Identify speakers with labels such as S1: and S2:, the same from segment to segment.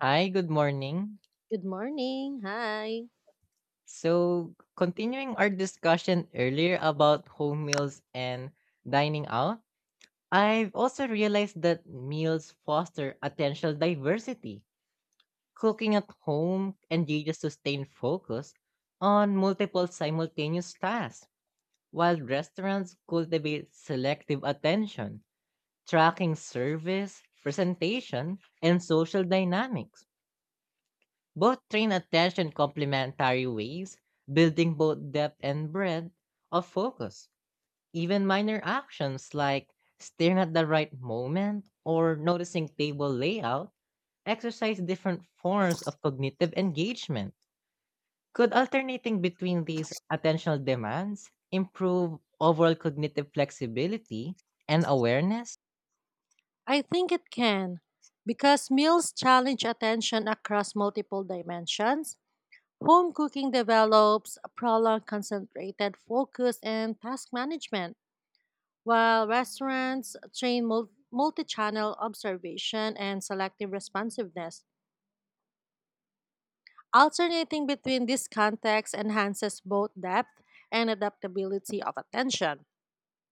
S1: Hi, good morning.
S2: Good morning. Hi.
S1: So, continuing our discussion earlier about home meals and dining out, I've also realized that meals foster attentional diversity. Cooking at home engages sustained focus on multiple simultaneous tasks, while restaurants cultivate selective attention, tracking service, presentation, and social dynamics. Both train attention in complementary ways, building both depth and breadth of focus. Even minor actions like staring at the right moment or noticing table layout exercise different forms of cognitive engagement. Could alternating between these attentional demands improve overall cognitive flexibility and awareness?
S2: I think it can because meals challenge attention across multiple dimensions. Home cooking develops a prolonged concentrated focus and task management, while restaurants train multi channel observation and selective responsiveness. Alternating between these contexts enhances both depth and adaptability of attention.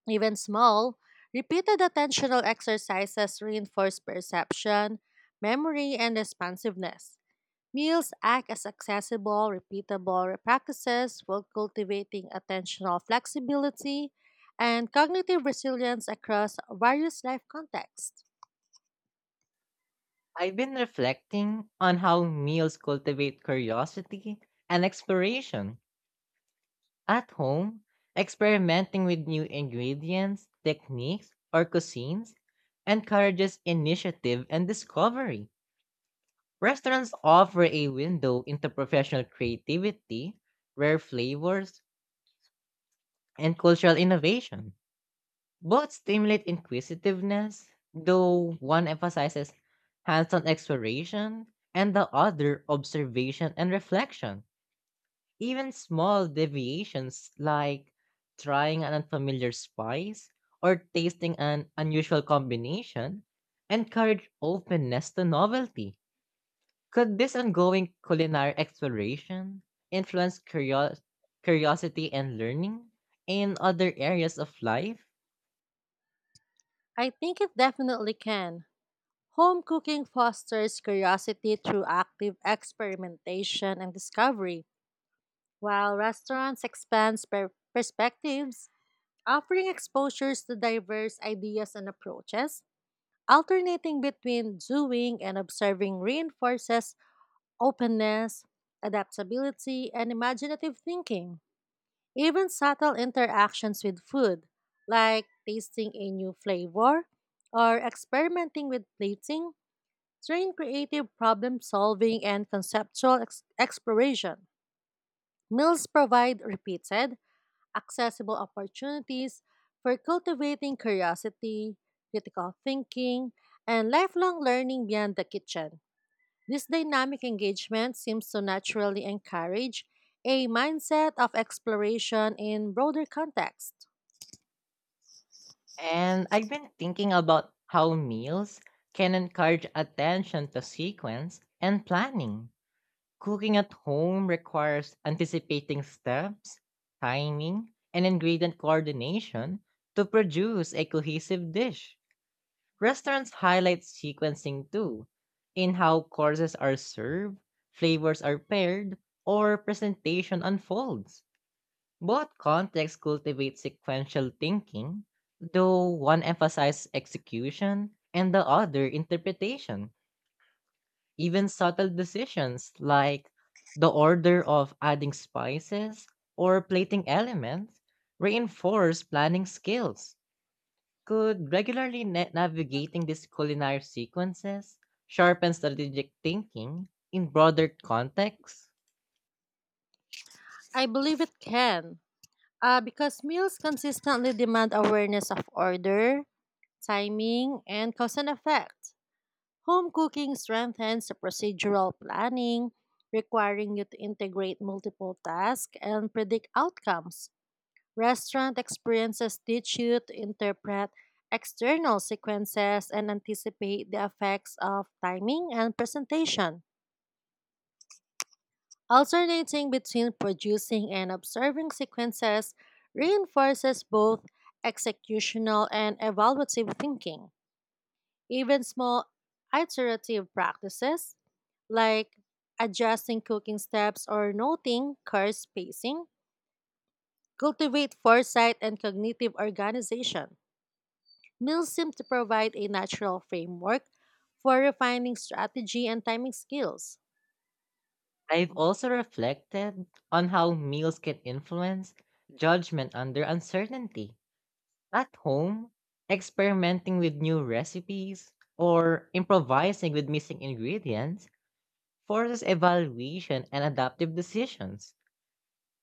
S2: Even small, repeated attentional exercises reinforce perception, memory, and responsiveness. Meals act as accessible, repeatable practices while cultivating attentional flexibility and cognitive resilience across various life contexts.
S1: I've been reflecting on how meals cultivate curiosity and exploration. At home, experimenting with new ingredients, techniques, or cuisines encourages initiative and discovery. Restaurants offer a window into professional creativity, rare flavors, and cultural innovation. Both stimulate inquisitiveness, though one emphasizes hands on exploration and the other observation and reflection. Even small deviations like trying an unfamiliar spice or tasting an unusual combination encourage openness to novelty. Could this ongoing culinary exploration influence curiosity and learning in other areas of life?
S2: I think it definitely can. Home cooking fosters curiosity through active experimentation and discovery, while restaurants expand perspectives offering exposures to diverse ideas and approaches, alternating between doing and observing reinforces openness, adaptability, and imaginative thinking. Even subtle interactions with food, like tasting a new flavor or experimenting with plating, train creative problem solving and conceptual exploration. Meals provide repeated, accessible opportunities for cultivating curiosity, critical thinking, and lifelong learning beyond the kitchen. This dynamic engagement seems to naturally encourage a mindset of exploration in broader context.
S1: And I've been thinking about how meals can encourage attention to sequence and planning. Cooking at home requires anticipating steps, timing, and ingredient coordination to produce a cohesive dish. Restaurants highlight sequencing too, in how courses are served, flavors are paired, or presentation unfolds. Both contexts cultivate sequential thinking, though one emphasizes execution and the other interpretation. Even subtle decisions like the order of adding spices or plating elements reinforce planning skills. Could regularly navigating these culinary sequences sharpen strategic thinking in broader contexts?
S2: I believe it can, because meals consistently demand awareness of order, timing, and cause and effect. Home cooking strengthens the procedural planning, requiring you to integrate multiple tasks and predict outcomes. Restaurant experiences teach you to interpret external sequences and anticipate the effects of timing and presentation. Alternating between producing and observing sequences reinforces both executional and evaluative thinking. Even small iterative practices like adjusting cooking steps or noting car spacing cultivate foresight and cognitive organization. Meals seem to provide a natural framework for refining strategy and timing skills.
S1: I've also reflected on how meals can influence judgment under uncertainty. At home, experimenting with new recipes or improvising with missing ingredients forces evaluation and adaptive decisions.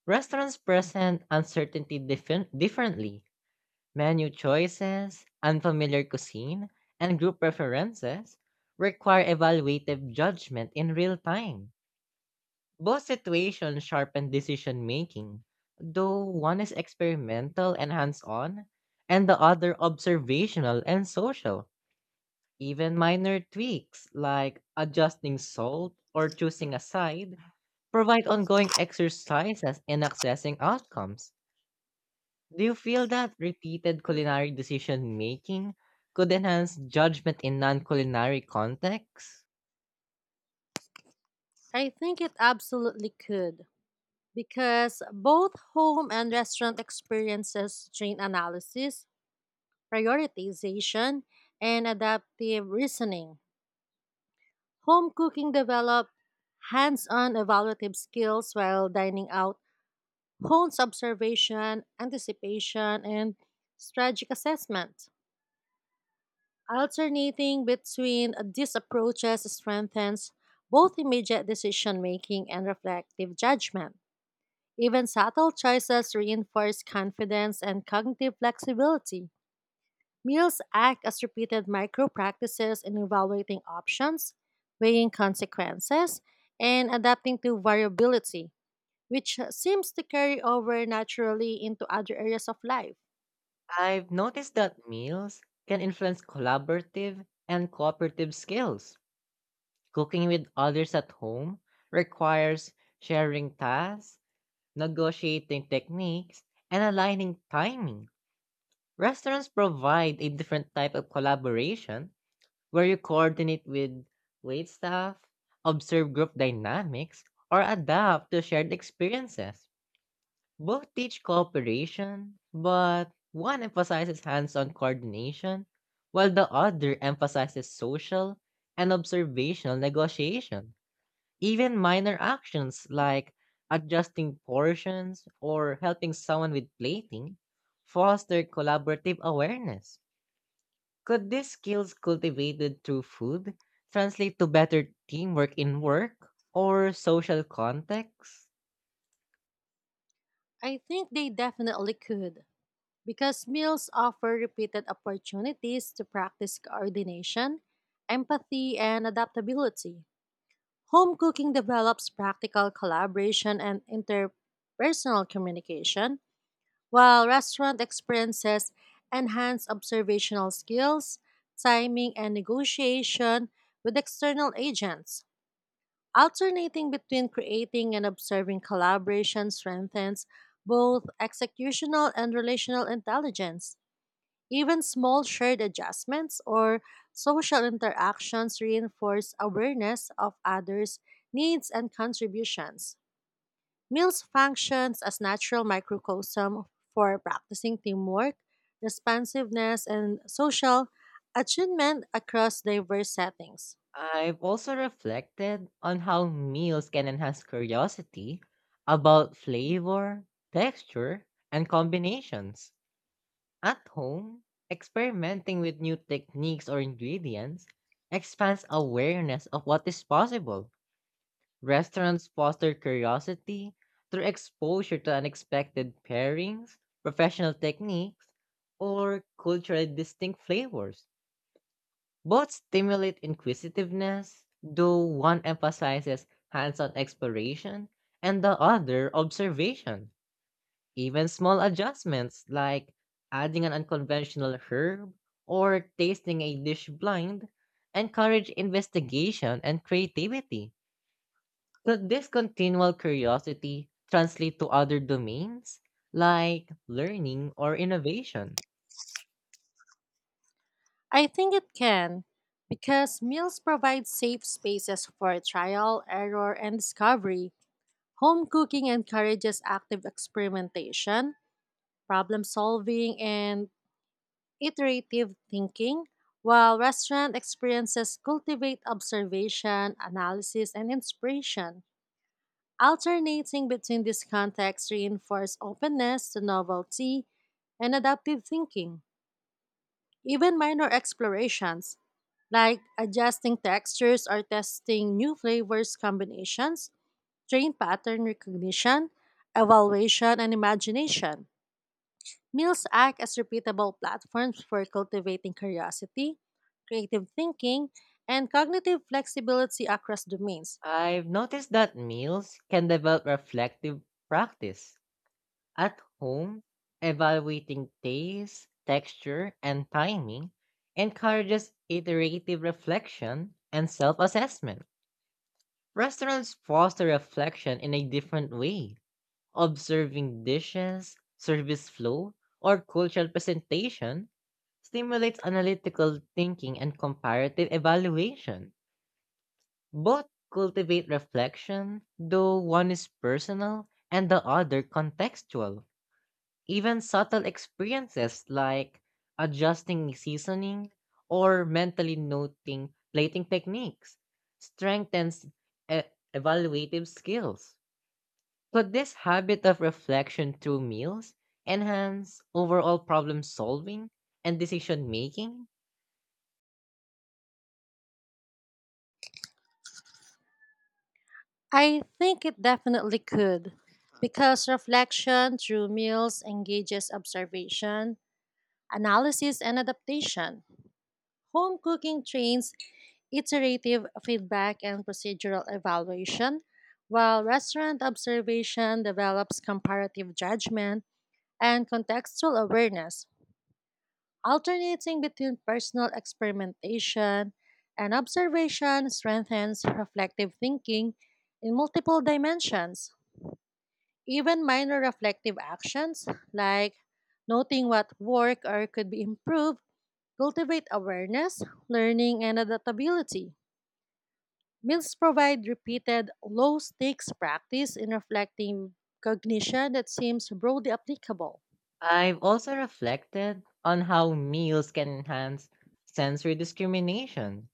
S1: Restaurants present uncertainty differently. Menu choices, unfamiliar cuisine, and group preferences require evaluative judgment in real time. Both situations sharpen decision making, though one is experimental and hands on, and the other observational and social. Even minor tweaks like adjusting salt or choosing a side provide ongoing exercises in accessing outcomes. Do you feel that repeated culinary decision making could enhance judgment in non culinary contexts?
S2: I think it absolutely could. Because both home and restaurant experiences train analysis, prioritization, and adaptive reasoning. Home cooking develops hands on evaluative skills while dining out hones observation, anticipation, and strategic assessment. Alternating between these approaches strengthens both immediate decision making and reflective judgment. Even subtle choices reinforce confidence and cognitive flexibility. Meals act as repeated micro practices in evaluating options, weighing consequences, and adapting to variability, which seems to carry over naturally into other areas of life.
S1: I've noticed that meals can influence collaborative and cooperative skills. Cooking with others at home requires sharing tasks, negotiating techniques, and aligning timing. Restaurants provide a different type of collaboration where you coordinate with waitstaff, observe group dynamics, or adapt to shared experiences. Both teach cooperation, but one emphasizes hands on coordination, while the other emphasizes social and observational negotiation. Even minor actions like adjusting portions or helping someone with plating foster collaborative awareness. Could these skills cultivated through food translate to better teamwork in work or social contexts?
S2: I think they definitely could, because meals offer repeated opportunities to practice coordination, empathy, and adaptability. Home cooking develops practical collaboration and interpersonal communication, while restaurant experiences enhance observational skills, timing, and negotiation with external agents. Alternating between creating and observing collaboration strengthens both executional and relational intelligence. Even small shared adjustments or social interactions reinforce awareness of others' needs and contributions. Meals functions as natural microcosm for practicing teamwork, responsiveness, and social attunement across diverse settings.
S1: I've also reflected on how meals can enhance curiosity about flavor, texture, and combinations. At home, experimenting with new techniques or ingredients expands awareness of what is possible. Restaurants foster curiosity through exposure to unexpected pairings, professional techniques, or culturally distinct flavors. Both stimulate inquisitiveness, though one emphasizes hands on exploration and the other observation. Even small adjustments like adding an unconventional herb or tasting a dish blind encourage investigation and creativity. Could this continual curiosity translate to other domains like learning or innovation?
S2: I think it can because meals provide safe spaces for trial, error, and discovery. Home cooking encourages active experimentation, problem solving, and iterative thinking, while restaurant experiences cultivate observation, analysis, and inspiration. Alternating between these contexts reinforce openness to novelty and adaptive thinking. Even minor explorations, like adjusting textures or testing new flavors combinations, train pattern recognition, evaluation, and imagination. Meals act as repeatable platforms for cultivating curiosity, creative thinking, and cognitive flexibility across domains.
S1: I've noticed that meals can develop reflective practice. At home, evaluating taste, texture, and timing encourages iterative reflection and self-assessment. Restaurants foster reflection in a different way, observing dishes, service flow, or cultural presentation stimulates analytical thinking and comparative evaluation. Both cultivate reflection, though one is personal and the other contextual. Even subtle experiences like adjusting seasoning or mentally noting plating techniques strengthens e- evaluative skills. Could this habit of reflection through meals enhance overall problem solving and decision making?
S2: I think it definitely could, because reflection through meals engages observation, analysis, and adaptation. Home cooking trains iterative feedback and procedural evaluation, while restaurant observation develops comparative judgment and contextual awareness. Alternating between personal experimentation and observation strengthens reflective thinking in multiple dimensions. Even minor reflective actions, like noting what work or could be improved, cultivate awareness, learning, and adaptability. Meals provide repeated low stakes practice in reflecting cognition that seems broadly applicable.
S1: I've also reflected on how meals can enhance sensory discrimination.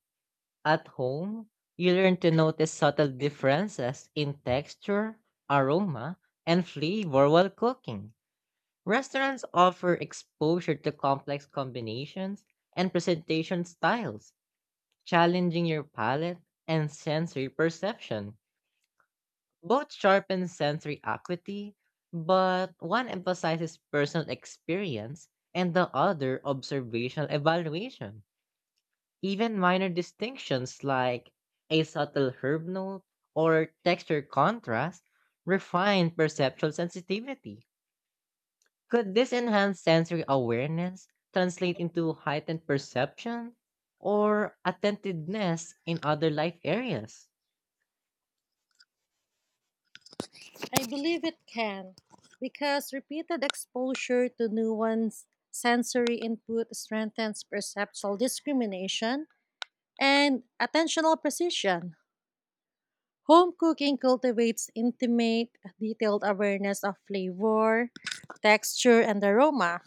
S1: At home, you learn to notice subtle differences in texture, aroma, and flavor while cooking. Restaurants offer exposure to complex combinations and presentation styles, challenging your palate and sensory perception. Both sharpen sensory acuity, but one emphasizes personal experience and the other observational evaluation. Even minor distinctions like a subtle herb note or texture contrast refine perceptual sensitivity. Could this enhanced sensory awareness translate into heightened perception or attentiveness in other life areas?
S2: I believe it can, because repeated exposure to nuanced sensory input strengthens perceptual discrimination and attentional precision. Home cooking cultivates intimate, detailed awareness of flavor, texture, and aroma,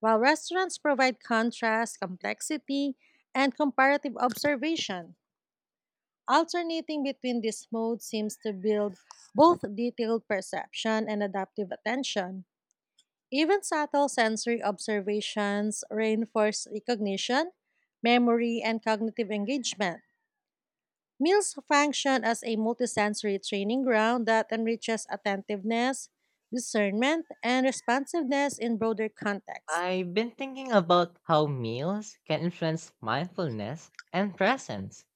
S2: while restaurants provide contrast, complexity, and comparative observation. Alternating between these modes seems to build both detailed perception and adaptive attention. Even subtle sensory observations reinforce recognition, memory, and cognitive engagement. Meals function as a multisensory training ground that enriches attentiveness, discernment, and responsiveness in broader contexts.
S1: I've been thinking about how meals can influence mindfulness and presence.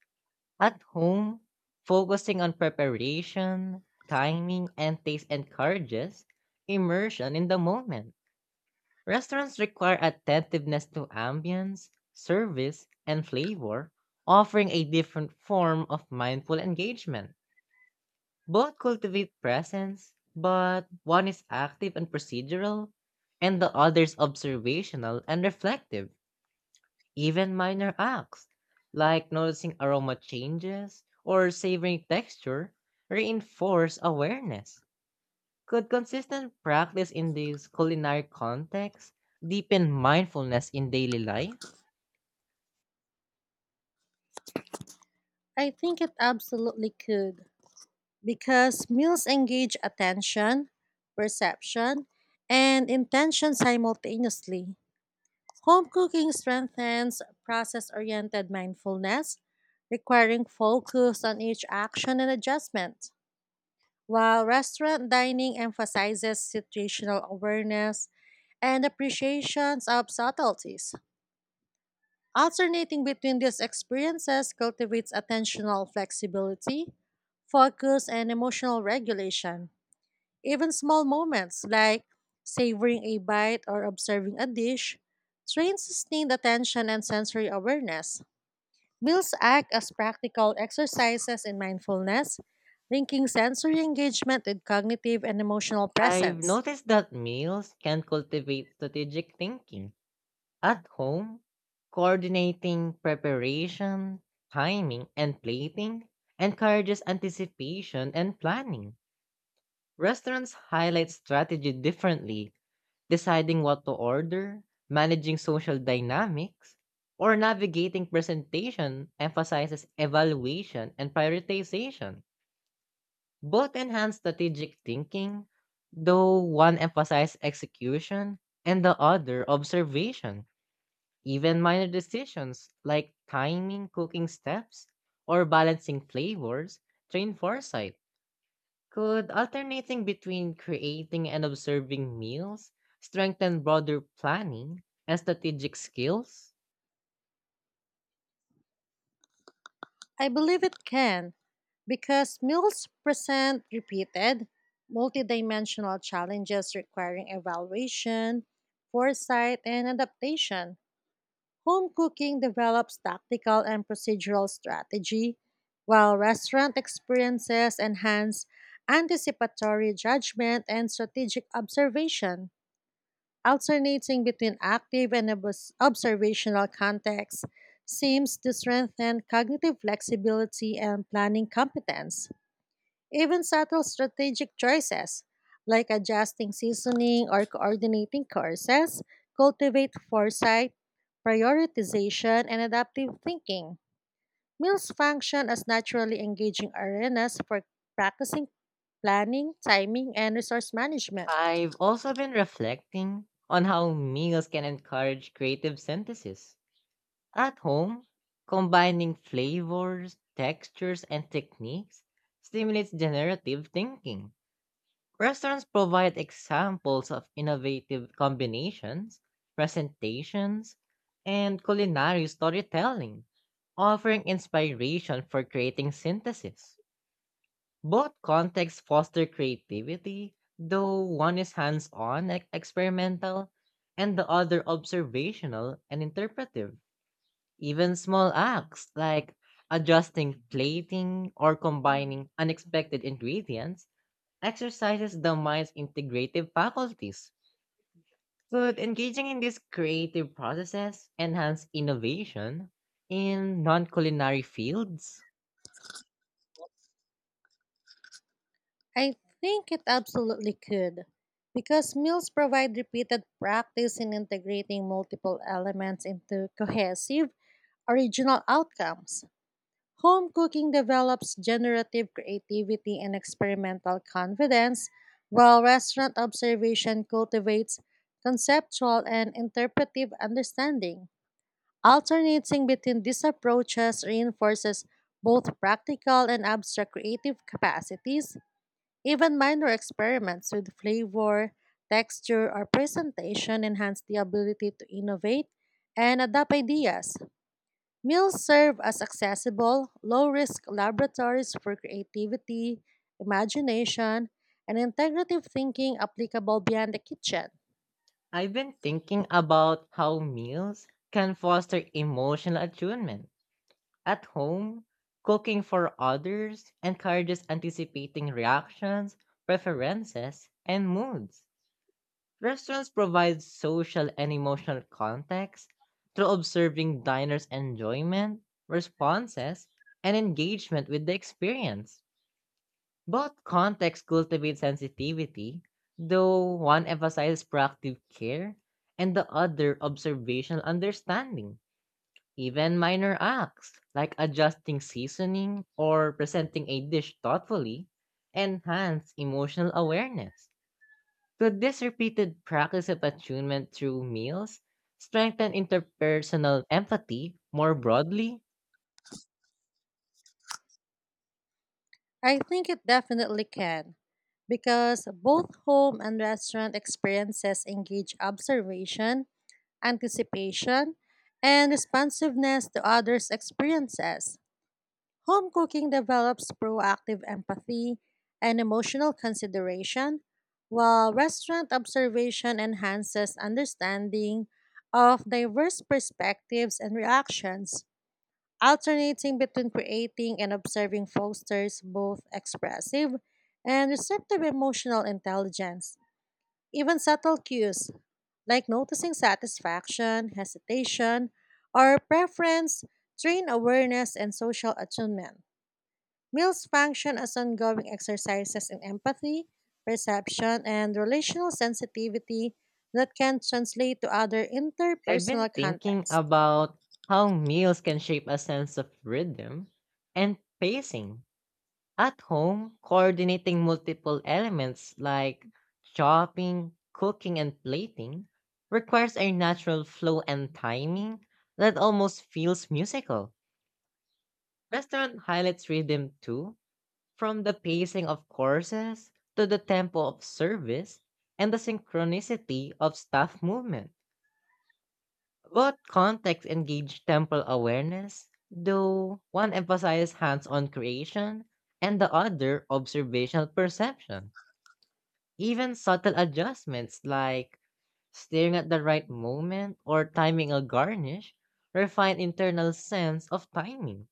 S1: At home, focusing on preparation, timing, and taste encourages immersion in the moment. Restaurants require attentiveness to ambience, service, and flavor, offering a different form of mindful engagement. Both cultivate presence, but one is active and procedural, and the other is observational and reflective. Even minor acts, like noticing aroma changes or savoring texture, reinforce awareness. Could consistent practice in these culinary contexts deepen mindfulness in daily life?
S2: I think it absolutely could, because meals engage attention, perception, and intention simultaneously. Home cooking strengthens process oriented mindfulness, requiring focus on each action and adjustment, while restaurant dining emphasizes situational awareness and appreciations of subtleties. Alternating between these experiences cultivates attentional flexibility, focus, and emotional regulation. Even small moments like savoring a bite or observing a dish train sustained attention and sensory awareness. Meals act as practical exercises in mindfulness, linking sensory engagement with cognitive and emotional
S1: I've
S2: presence.
S1: noticed that meals can cultivate strategic thinking. At home, coordinating preparation, timing, and plating encourages anticipation and planning. Restaurants highlight strategy differently, deciding what to order, managing social dynamics, or navigating presentation emphasizes evaluation and prioritization. Both enhance strategic thinking, though one emphasizes execution and the other observation. Even minor decisions like timing, cooking steps, or balancing flavors train foresight. Could alternating between creating and observing meals strengthen broader planning and strategic skills?
S2: I believe it can, because meals present repeated, multidimensional challenges requiring evaluation, foresight, and adaptation. Home cooking develops tactical and procedural strategy, while restaurant experiences enhance anticipatory judgment and strategic observation. Alternating between active and observational contexts seems to strengthen cognitive flexibility and planning competence. Even subtle strategic choices, like adjusting seasoning or coordinating courses, cultivate foresight, prioritization, and adaptive thinking. Meals function as naturally engaging arenas for practicing planning, timing, and resource management.
S1: I've also been reflecting on how meals can encourage creative synthesis. At home, combining flavors, textures, and techniques stimulates generative thinking. Restaurants provide examples of innovative combinations, presentations, and culinary storytelling, offering inspiration for creating synthesis. Both contexts foster creativity, though one is hands on and experimental, and the other observational and interpretive. Even small acts like adjusting plating or combining unexpected ingredients exercises the mind's integrative faculties. Could engaging in these creative processes enhance innovation in non culinary fields?
S2: I think it absolutely could, because meals provide repeated practice in integrating multiple elements into cohesive, original outcomes. Home cooking develops generative creativity and experimental confidence, while restaurant observation cultivates conceptual and interpretive understanding. Alternating between these approaches reinforces both practical and abstract creative capacities. Even minor experiments with flavor, texture, or presentation enhance the ability to innovate and adapt ideas. Meals serve as accessible, low risk laboratories for creativity, imagination, and integrative thinking applicable beyond the kitchen.
S1: I've been thinking about how meals can foster emotional attunement. At home, cooking for others encourages anticipating reactions, preferences, and moods. Restaurants provide social and emotional context through observing diners' enjoyment, responses, and engagement with the experience. Both contexts cultivate sensitivity, though one emphasizes proactive care and the other observational understanding. Even minor acts, like adjusting seasoning or presenting a dish thoughtfully, enhance emotional awareness. Could this repeated practice of attunement through meals strengthen interpersonal empathy more broadly?
S2: I think it definitely can, because both home and restaurant experiences engage observation, anticipation, and responsiveness to others' experiences. Home cooking develops proactive empathy and emotional consideration, while restaurant observation enhances understanding of diverse perspectives and reactions. Alternating between creating and observing fosters both expressive and receptive emotional intelligence. Even subtle cues like noticing satisfaction, hesitation, or preference train awareness and social attunement. Meals function as ongoing exercises in empathy, perception, and relational sensitivity that can translate to other
S1: I've been
S2: interpersonal
S1: thinking
S2: contexts.
S1: about how meals can shape a sense of rhythm and pacing. At home, coordinating multiple elements like chopping, cooking, and plating requires a natural flow and timing that almost feels musical. Restaurant highlights rhythm too, from the pacing of courses to the tempo of service and the synchronicity of staff movement. Both context engage temporal awareness, though one emphasizes hands on creation and the other observational perception. Even subtle adjustments like staring at the right moment or timing a garnish refine internal sense of timing.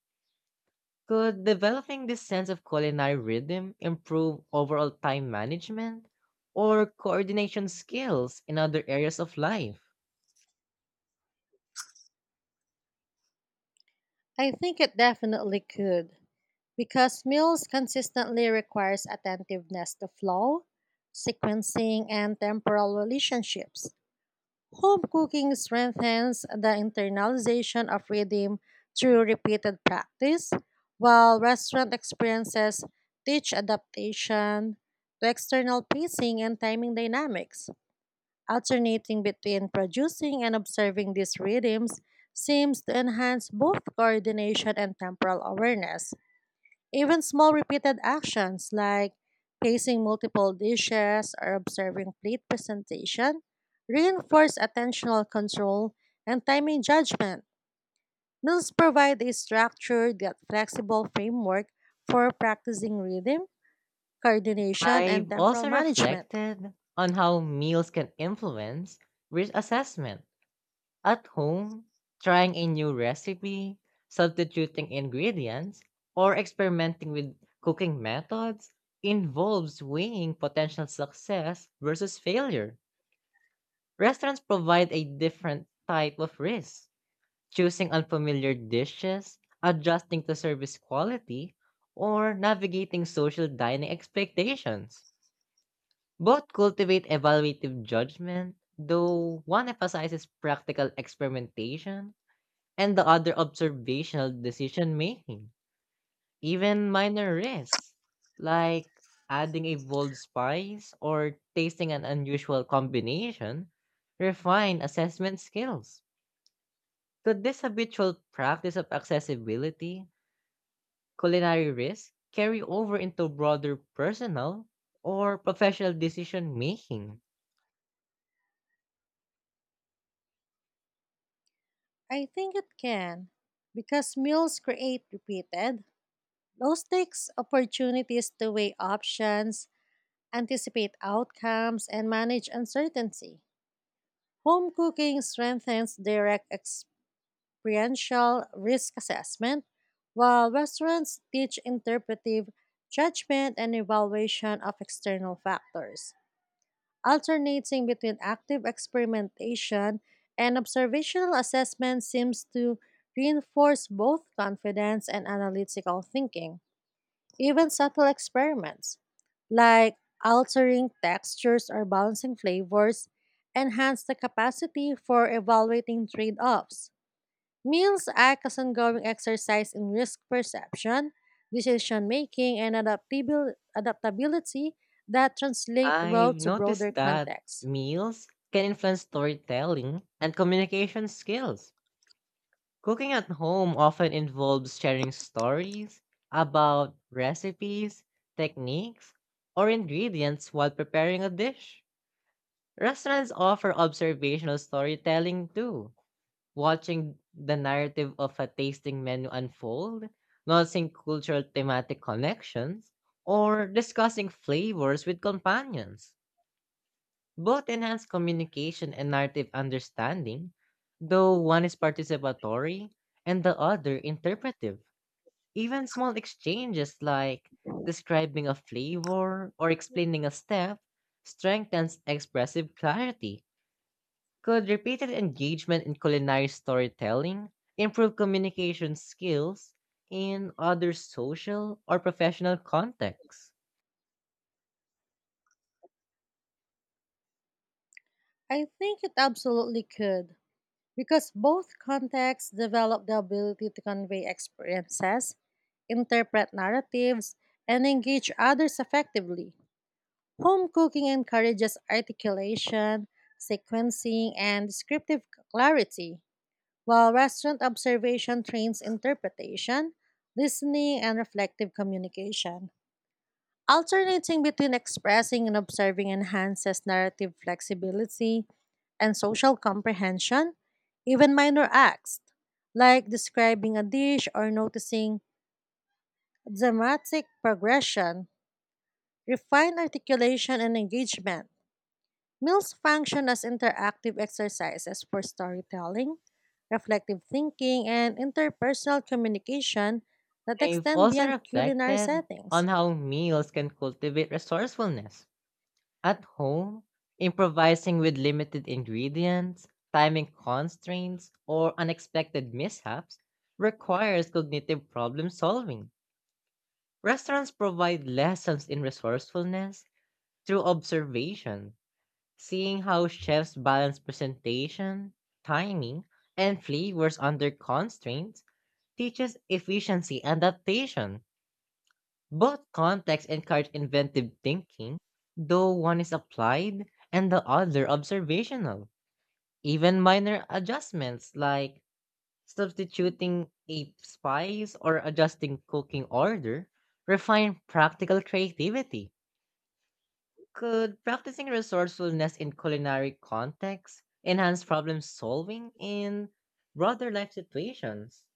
S1: Could developing this sense of culinary rhythm improve overall time management or coordination skills in other areas of life?
S2: I think it definitely could, because meals consistently requires attentiveness to flow, sequencing, and temporal relationships. Home cooking strengthens the internalization of rhythm through repeated practice, while restaurant experiences teach adaptation to external pacing and timing dynamics. Alternating between producing and observing these rhythms seems to enhance both coordination and temporal awareness. Even small repeated actions like pacing multiple dishes or observing plate presentation reinforce attentional control and timing judgment. Meals provide a structured yet flexible framework for practicing rhythm, coordination, and
S1: I've
S2: temporal
S1: also
S2: management.
S1: reflected on how meals can influence risk assessment. At home, trying a new recipe, substituting ingredients, or experimenting with cooking methods involves weighing potential success versus failure. Restaurants provide a different type of risk, choosing unfamiliar dishes, adjusting to service quality, or navigating social dining expectations. Both cultivate evaluative judgment, though one emphasizes practical experimentation and the other observational decision making. Even minor risks, like adding a bold spice or tasting an unusual combination, refine assessment skills. Could this habitual practice of accessibility culinary risks carry over into broader personal or professional decision making?
S2: I think it can because meals create repeated, low stakes opportunities to weigh options, anticipate outcomes, and manage uncertainty. Home cooking strengthens direct experiential risk assessment, while restaurants teach interpretive judgment and evaluation of external factors, alternating between active experimentation and observational assessment seems to reinforce both confidence and analytical thinking. Even subtle experiments like altering textures or balancing flavors enhance the capacity for evaluating trade offs. Meals act as ongoing exercise in risk perception, decision making, and adaptability that translate well
S1: I've
S2: to broader
S1: noticed that
S2: contexts.
S1: meals can influence storytelling and communication skills. Cooking at home often involves sharing stories about recipes, techniques, or ingredients while preparing a dish. Restaurants offer observational storytelling too, watching the narrative of a tasting menu unfold, noticing cultural thematic connections, or discussing flavors with companions. Both enhance communication and narrative understanding, though one is participatory and the other interpretive. Even small exchanges like describing a flavor or explaining a step strengthens expressive clarity. Could repeated engagement in culinary storytelling improve communication skills in other social or professional contexts?
S2: I think it absolutely could, because both contexts develop the ability to convey experiences interpret narratives, and engage others effectively. Home cooking encourages articulation, sequencing, and descriptive clarity, while restaurant observation trains interpretation, listening, and reflective communication. Alternating between expressing and observing enhances narrative flexibility and social comprehension, even minor acts like describing a dish or noticing dramatic progression refined articulation and engagement. Meals function as interactive exercises for storytelling, reflective thinking, and interpersonal communication that
S1: I've
S2: extend
S1: also
S2: beyond culinary
S1: reflected on
S2: settings.
S1: how meals can cultivate resourcefulness. At home, improvising with limited ingredients, timing constraints, or unexpected mishaps requires cognitive problem solving. Restaurants provide lessons in resourcefulness through observation, seeing how chefs balance presentation, timing, and flavors under constraints teaches efficiency and adaptation. Both contexts encourage inventive thinking, though one is applied and the other observational. Even minor adjustments like substituting a spice or adjusting cooking order refine practical creativity. Could practicing resourcefulness in culinary contexts enhance problem solving in broader life situations?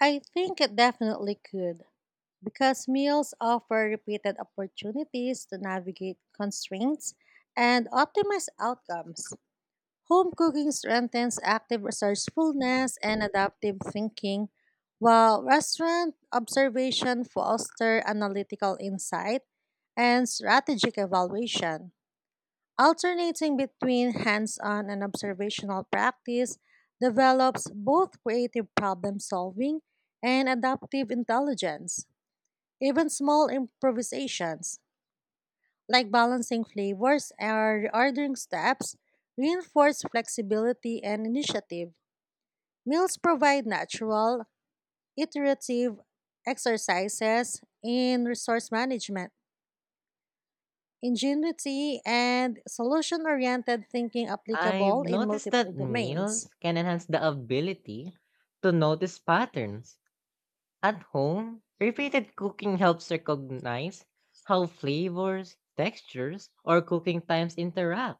S2: I think it definitely could, because meals offer repeated opportunities to navigate constraints and optimize outcomes. Home cooking strengthens active resourcefulness and adaptive thinking, while restaurant observation fosters analytical insight and strategic evaluation. Alternating between hands on and observational practice develops both creative problem solving and adaptive intelligence. Even small improvisations, like balancing flavors or ordering steps, reinforce flexibility and initiative. Meals provide natural, iterative exercises in resource management, ingenuity, and solution oriented thinking
S1: I've
S2: applicable in
S1: noticed
S2: multiple
S1: that
S2: domains.
S1: meals can enhance the ability to notice patterns. At home, repeated cooking helps recognize how flavors, textures, or cooking times interact.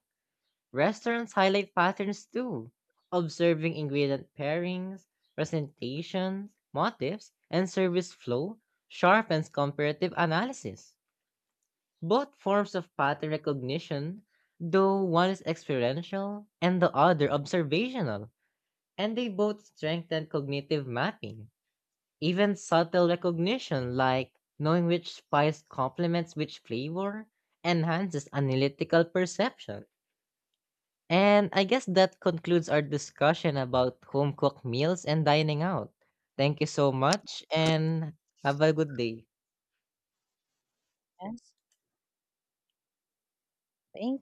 S1: Restaurants highlight patterns too, observing ingredient pairings, presentations, motifs, and service flow sharpens comparative analysis. Both forms of pattern recognition, though one is experiential and the other observational, and they both strengthen cognitive mapping. Even subtle recognition, like knowing which spice complements which flavor, enhances analytical perception. And I guess that concludes our discussion about home cooked meals and dining out. Thank you so much and have a good day.
S2: Yes. Thank